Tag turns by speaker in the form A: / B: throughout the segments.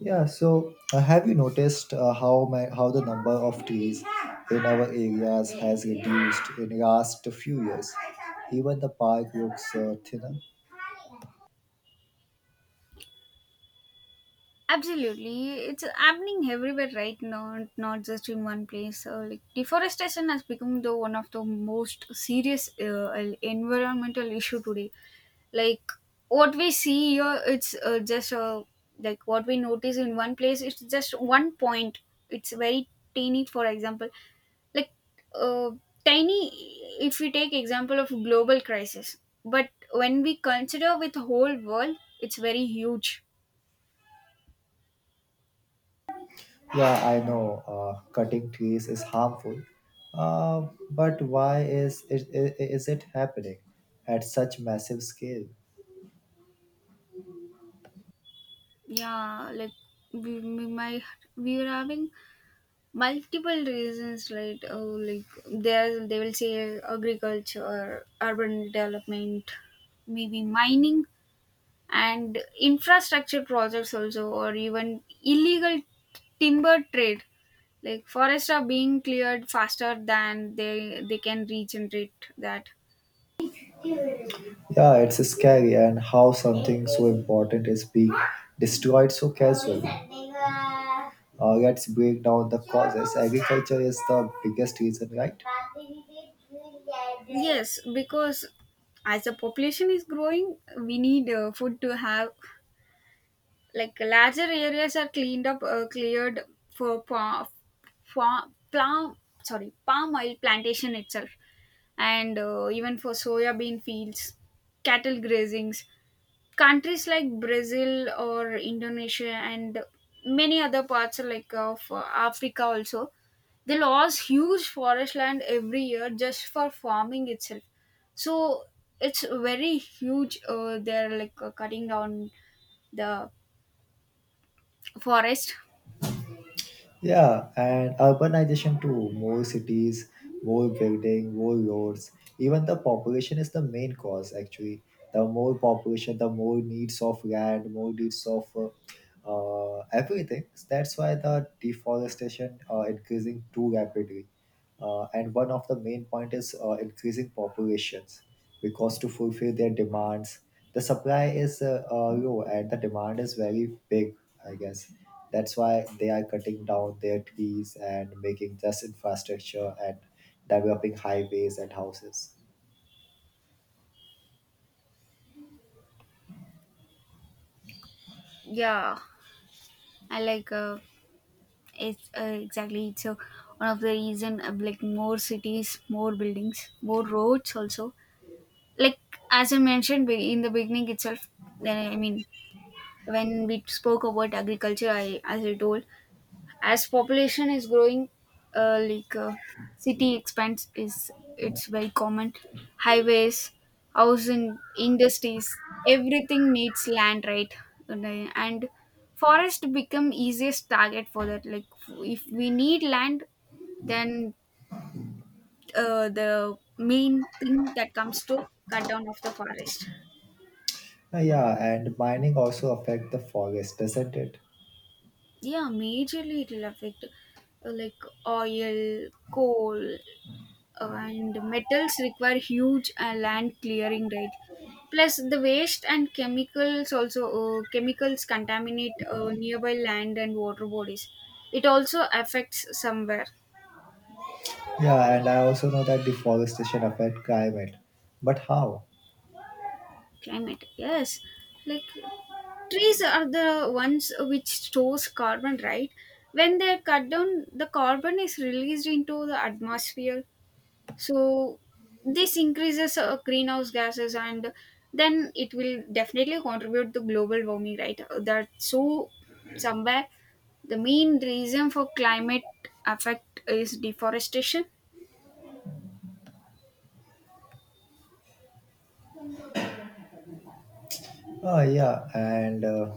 A: Yeah, so have you noticed how the number of trees in our areas has reduced in the last few years? Even the park looks thinner.
B: Absolutely, it's happening everywhere right now, not just in one place. So, like deforestation has become the one of the most serious environmental issue today. Like what we see here, it's just like what we notice in one place. It's just one point. It's very tiny. For example, like uh, tiny. If we take example of global crisis, but when we consider with whole world, it's very huge.
A: Yeah, I know cutting trees is harmful, but why is it happening at such massive scale?
B: Yeah, like we might we were having multiple reasons, right? Oh, like there they will say agriculture, urban development, maybe mining, and infrastructure projects also, or even illegal timber trade. Like forests are being cleared faster than they can regenerate that.
A: Yeah, it's scary and how something so important is being destroyed so casually. Let's break down the causes. Agriculture is the biggest reason, right?
B: Yes, because as the population is growing we need food to have, like larger areas are cleaned up, cleared for fa- pla- sorry, palm oil plantation itself, and even for soya bean fields, cattle grazings. Countries like Brazil or Indonesia and many other parts like of Africa also, they lost huge forest land every year just for farming itself. So it's very huge, they're cutting down the forest.
A: Yeah, and urbanization too. More cities, more building, more roads. Even the population is the main cause actually. The more population, the more needs of land, more needs of everything. That's why the deforestation increasing too rapidly and one of the main point is increasing populations because to fulfill their demands the supply is low and the demand is very big I guess that's why they are cutting down their trees and making just infrastructure and developing highways and houses.
B: Yeah, I like it's exactly, it's one of the reason of like more cities, more buildings, more roads also. Like as I mentioned in the beginning itself, then I mean when we spoke about agriculture, I as I told, as population is growing, uh, like uh, city expands is, it's very common. Highways, housing, industries, everything needs land, right? And forest become easiest target for that. Like if we need land, then the main thing that comes to cut down of the forest.
A: Yeah, and mining also affect the forest, doesn't it?
B: Yeah, majorly it will affect, like oil, coal, and metals require huge land clearing, right? Plus the waste and chemicals also, chemicals contaminate nearby land and water bodies. It also affects somewhere.
A: Yeah, and I also know that deforestation affect climate, but how?
B: Climate, yes. Like trees are the ones which stores carbon, right? When they are cut down, the carbon is released into the atmosphere. So this increases greenhouse gases, and then it will definitely contribute to global warming, right? That so somewhere the main reason for climate effect is deforestation.
A: Oh yeah, and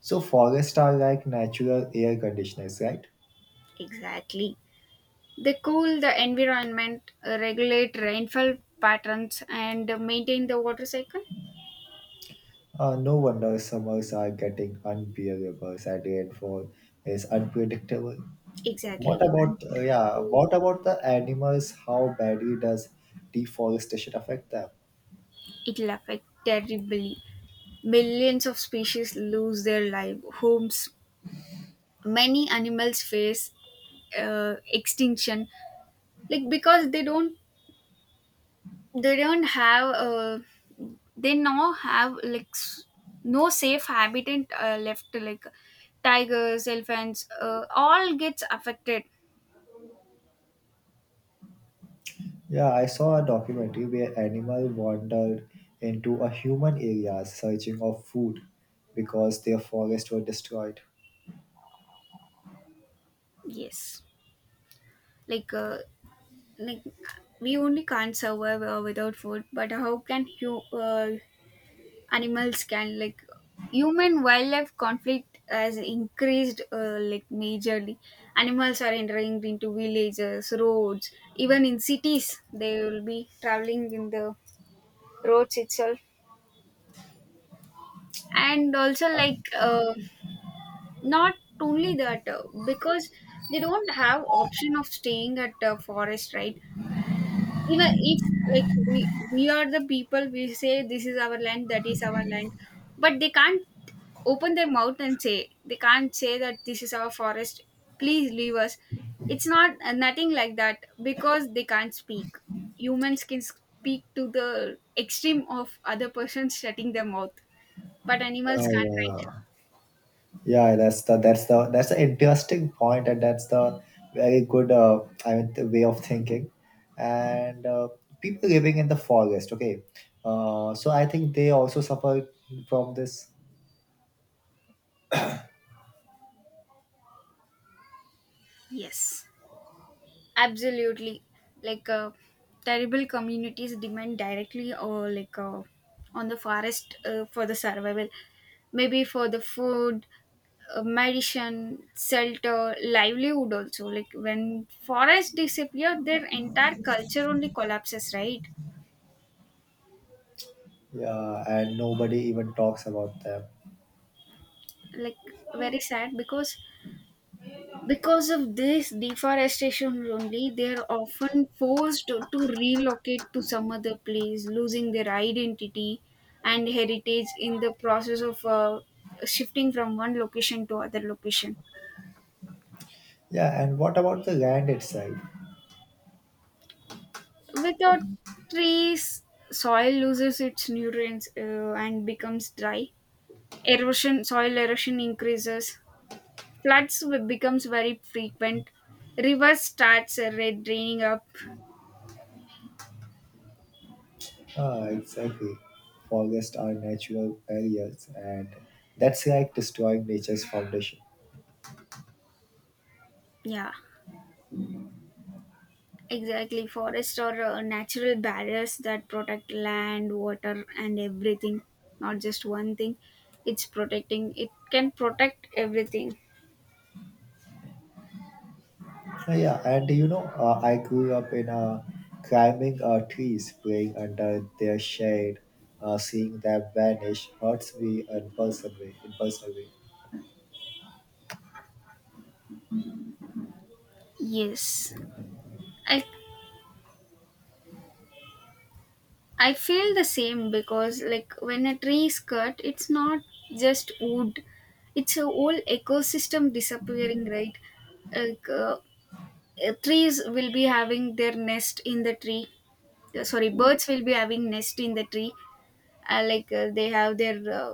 A: so forests are like natural air conditioners, right?
B: Exactly, they cool the environment, regulate rainfall patterns and maintain the water cycle.
A: No wonder summers are getting unbearable and rainfall is unpredictable.
B: Exactly,
A: What
B: we can't.
A: about yeah? What about the animals? How badly does deforestation affect them?
B: It'll affect terribly. Millions of species lose their live homes. Many animals face extinction, like because they don't have they now have like s- no safe habitat left, like tigers, elephants, all gets affected.
A: Yeah, I saw a documentary where animal wandered into a human area searching of food because their forests were destroyed.
B: Yes, like uh, like we only can't survive without food, but how can you, animals can, like human wildlife conflict has increased, like majorly. Animals are entering into villages, roads, even in cities they will be traveling in the roads itself. And also
A: Uh,
B: not only that, because they don't have option of staying at a forest, right? Even if like we are the people, we say this is our land, that is our land, but they can't open their mouth and say, they can't say that this is our forest, please leave us. It's not nothing like that, because they can't speak. Humans can speak to the extreme of other persons shutting their mouth, but animals can't, right?
A: yeah. Yeah, that's an interesting point, and that's the very good I mean the way of thinking. And people living in the forest, okay, so I think they also suffer from this.
B: Yes, absolutely. Like terrible communities depend directly or on the forest for the survival. Maybe for the food, medicine, shelter, livelihood also. Like when forests disappear, their entire culture only collapses, right?
A: Yeah, and nobody even talks about them.
B: Like very sad because of this deforestation only, they are often forced to relocate to some other place, losing their identity and heritage in the process of shifting from one location to other location.
A: Yeah, and what about the land itself?
B: Without trees, soil loses its nutrients and becomes dry. Erosion, soil erosion increases. Floods becomes very frequent. Rivers starts draining up.
A: Ah, exactly. Forests are natural barriers, and that's like destroying nature's foundation.
B: Yeah, exactly, forests are natural barriers that protect land, water, and everything. Not just one thing. It's protecting. It can protect everything.
A: Yeah, and you know, I grew up in climbing trees, playing under their shade, seeing them vanish hurts me impulsively. Impulsively,
B: Yes, I I feel the same, because like when a tree is cut, it's not just wood. It's a whole ecosystem disappearing, right? Like uh, Trees will be having their nest in the tree. Sorry, birds will be having nest in the tree. They have their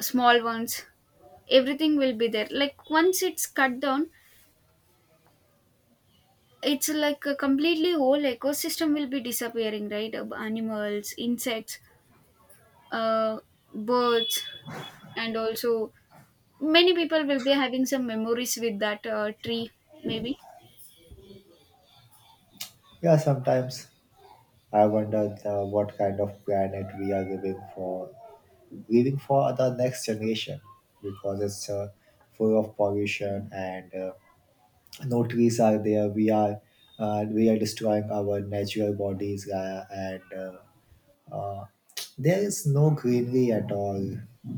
B: small ones, everything will be there, like once it's cut down, it's like a completely whole ecosystem will be disappearing, right? Animals, insects, uh, birds, and also many people will be having some memories with that tree, maybe.
A: yeah. Sometimes I wonder what kind of planet we are living for, living for the next generation, because it's full of pollution and no trees are there. We are destroying our natural bodies and. Uh, There is no greenery at all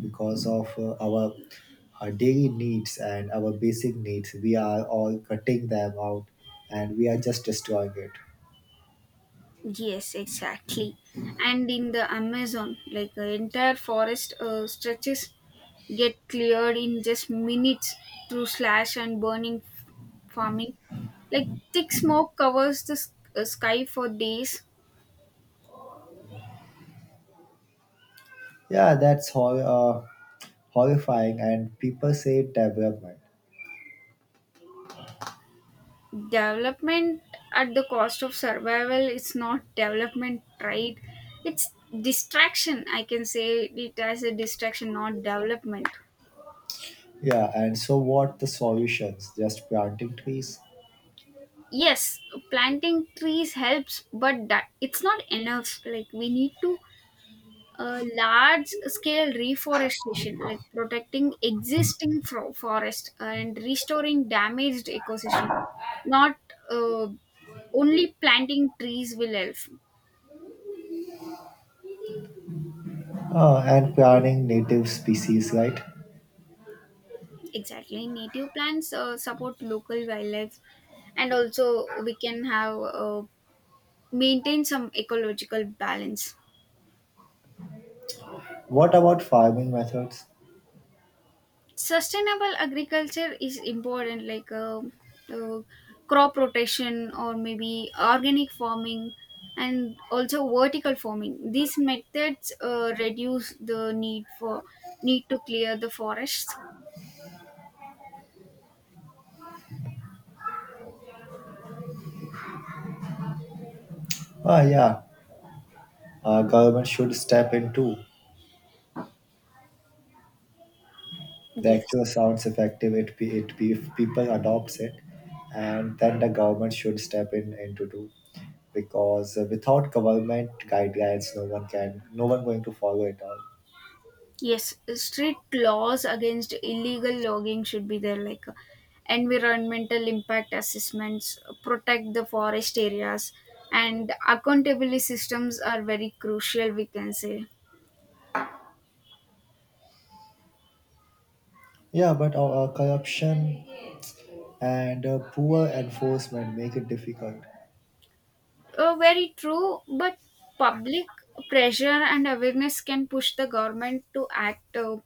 A: because of our daily needs and our basic needs. We are all cutting them out and we are just destroying it.
B: Yes, exactly. And in the Amazon, like the entire forest stretches get cleared in just minutes through slash and burning farming. Like thick smoke covers the sky for days.
A: Yeah, that's horrifying, and people say development.
B: Development at the cost of survival is not development, right? It's distraction. I can say it as a distraction, not development.
A: Yeah, and so what the solutions? Just planting trees.
B: Yes, planting trees helps, but that it's not enough. Like we need to a large scale reforestation, like protecting existing forest and restoring damaged ecosystem. Not uh, only planting trees will help.
A: And planting native species, right?
B: Exactly, native plants support local wildlife, and also we can have, maintain some ecological balance.
A: What about farming methods?
B: Sustainable agriculture is important, like uh, crop rotation or maybe organic farming, and also vertical farming. These methods reduce the need for, need to clear the forests.
A: Ah, yeah, government should step in too. The
B: Yes.
A: actual sounds effective if people adopts it, and then the government should step in into do because without government guidelines no one going to follow it all.
B: Yes, strict laws against illegal logging should be there, like environmental impact assessments, protect the forest areas, and accountability systems are very crucial, we can say.
A: Yeah, but corruption and poor enforcement make it difficult.
B: Very true, but public pressure and awareness can push the government to act,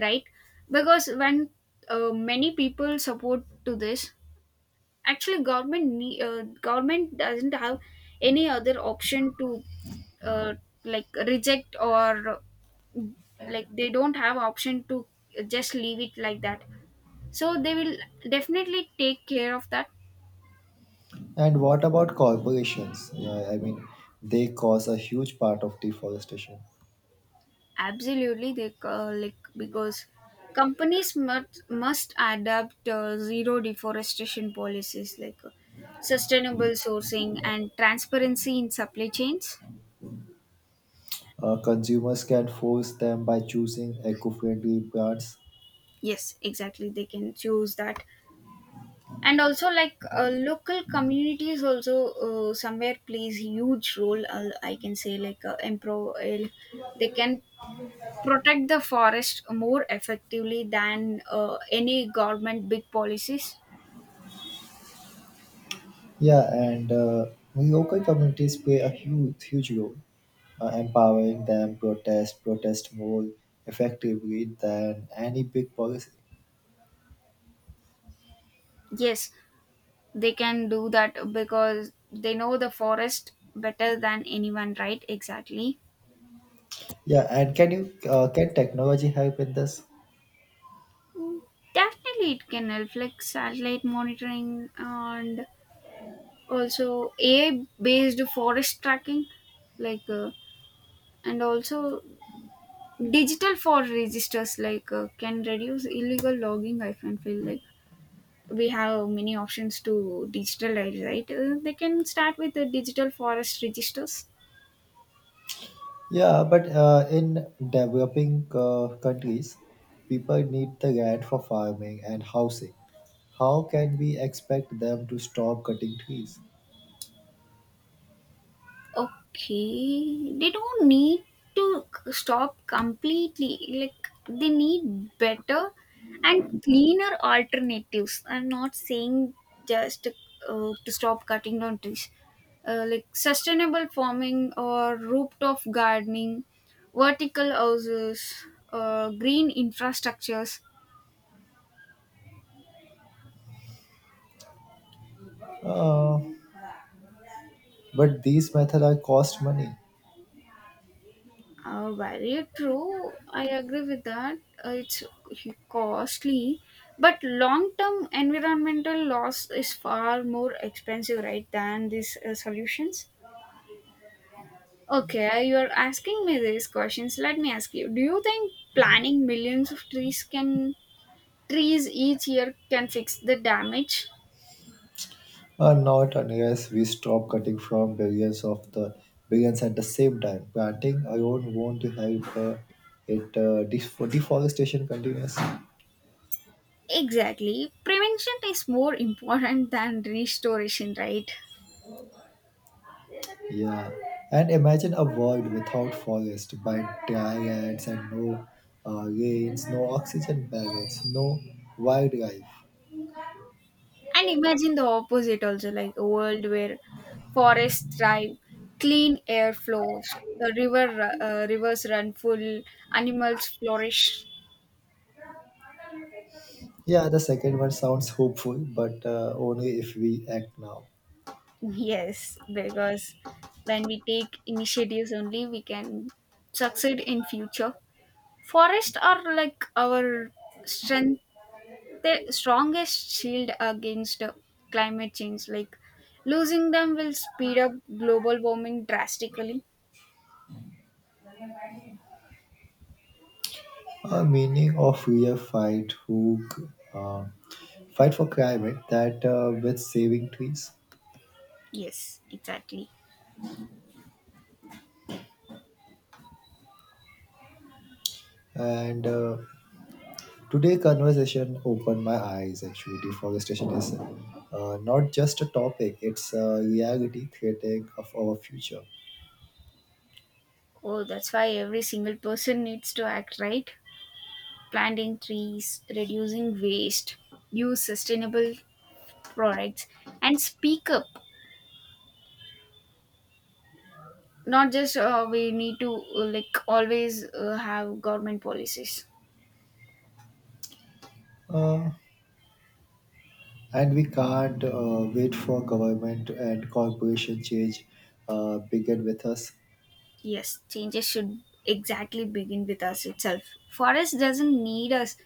B: right? Because when many people support to this, actually government government doesn't have any other option to uh, like reject or like they don't have option to just leave it like that. So they will definitely take care of that.
A: And what about corporations? Yeah, I mean they cause a huge part of deforestation.
B: Absolutely, they like because companies must adapt zero deforestation policies, like sustainable sourcing and transparency in supply chains.
A: Consumers can force them by choosing eco-friendly brands.
B: Yes, exactly. They can choose that, and also local communities also somewhere plays huge role. I can say they can protect the forest more effectively than any government big policies.
A: Yeah, and local communities play a huge, huge role, empowering them protest, protest more effectively than any big policy.
B: Yes, they can do that because they know the forest better than anyone, right? Exactly.
A: Yeah, and can you can technology help in this?
B: Mm, definitely it can help, like satellite monitoring and also AI based forest tracking, like uh, and also digital forest registers can reduce illegal logging. I can feel like we have many options to digitalize, right? They can start with the digital forest registers.
A: Yeah, but in developing countries, people need the land for farming and housing. How can we expect them to stop cutting trees?
B: Okay, they don't need to stop completely. Like they need better and cleaner alternatives. I'm not saying just to stop cutting down trees. Like sustainable farming or rooftop gardening, vertical houses, green infrastructures.
A: Uh, but these methods are cost money.
B: Very true. I agree with that. It's costly, but long-term environmental loss is far more expensive, right, than these solutions. Okay, you are asking me these questions. Let me ask you: do you think planting millions of trees can, trees each year can fix the damage?
A: Not unless we stop cutting from billions of the billions at the same time. Planting alone won't help deforestation continues.
B: Exactly. Prevention is more important than restoration, right?
A: Yeah, and imagine a world without forest, by dry lands and no rains, no oxygen balance, no wildlife.
B: And imagine the opposite also, like a world where forests thrive, clean air flows, the river rivers run full, animals flourish.
A: Yeah, the second one sounds hopeful, but only if we act now.
B: Yes, because when we take initiatives only, we can succeed in future. Forests are like our strength, the strongest shield against climate change. Like losing them will speed up global warming drastically.
A: A meaning of real fight who uh, fight for climate that with saving trees.
B: Yes, exactly.
A: And today conversation opened my eyes actually deforestation is not just a topic, it's a reality threatening of our future.
B: Oh, that's why every single person needs to act, right. Planting trees, reducing waste, use sustainable products, and speak up. Not just, we need to like always have government policies.
A: uh, and we can't wait for government and corporation change, begin with us.
B: Yes, changes should exactly begin with us itself. Forest doesn't need us.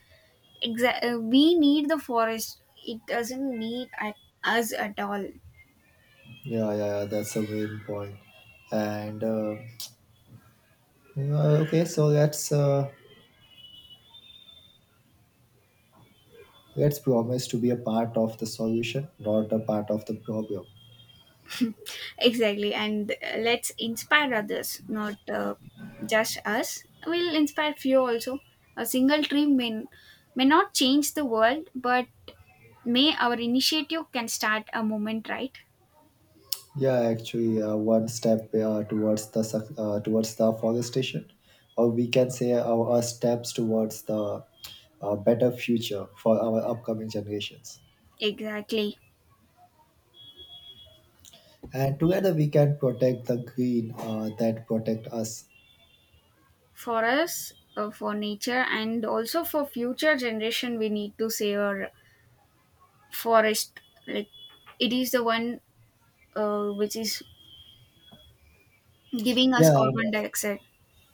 B: We need the forest. It doesn't need us at all.
A: Yeah, yeah, yeah, that's a main point. And okay, so that's let's promise to be a part of the solution, not a part of the problem.
B: Exactly, and let's inspire others, not just us. We'll inspire few also. A single tree may not change the world, but may our initiative can start a movement, right?
A: Yeah, actually, one step towards the forestation, or we can say our steps towards the better future for our upcoming generations.
B: Exactly.
A: And together, we can protect the green that protect us.
B: For us, for nature, and also for future generation, we need to save our forest. Like it is the one which is giving us
A: Yeah, and
B: carbon dioxide.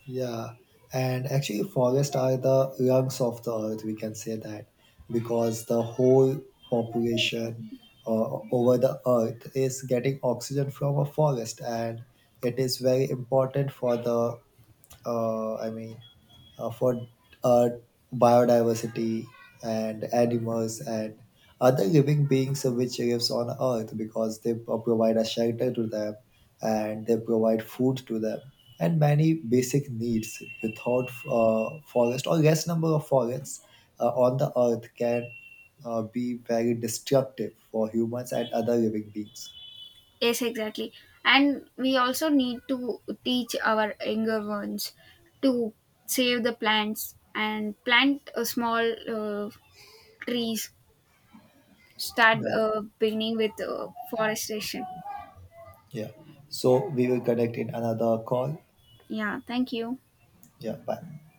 A: Yeah, and actually, forests are the lungs of the earth. We can say that because the whole population over the earth is getting oxygen from a forest, and it is very important for the I mean, for uh, biodiversity and animals and other living beings which lives on Earth because they provide a shelter to them and they provide food to them and many basic needs without forest or less number of forests on the Earth can be very destructive for humans and other living beings.
B: Yes, exactly. And we also need to teach our younger ones to save the plants and plant a small uh, trees. Start
A: Yeah,
B: beginning with forestation.
A: yeah. So we will connect in another call.
B: Yeah, thank you.
A: Yeah, bye.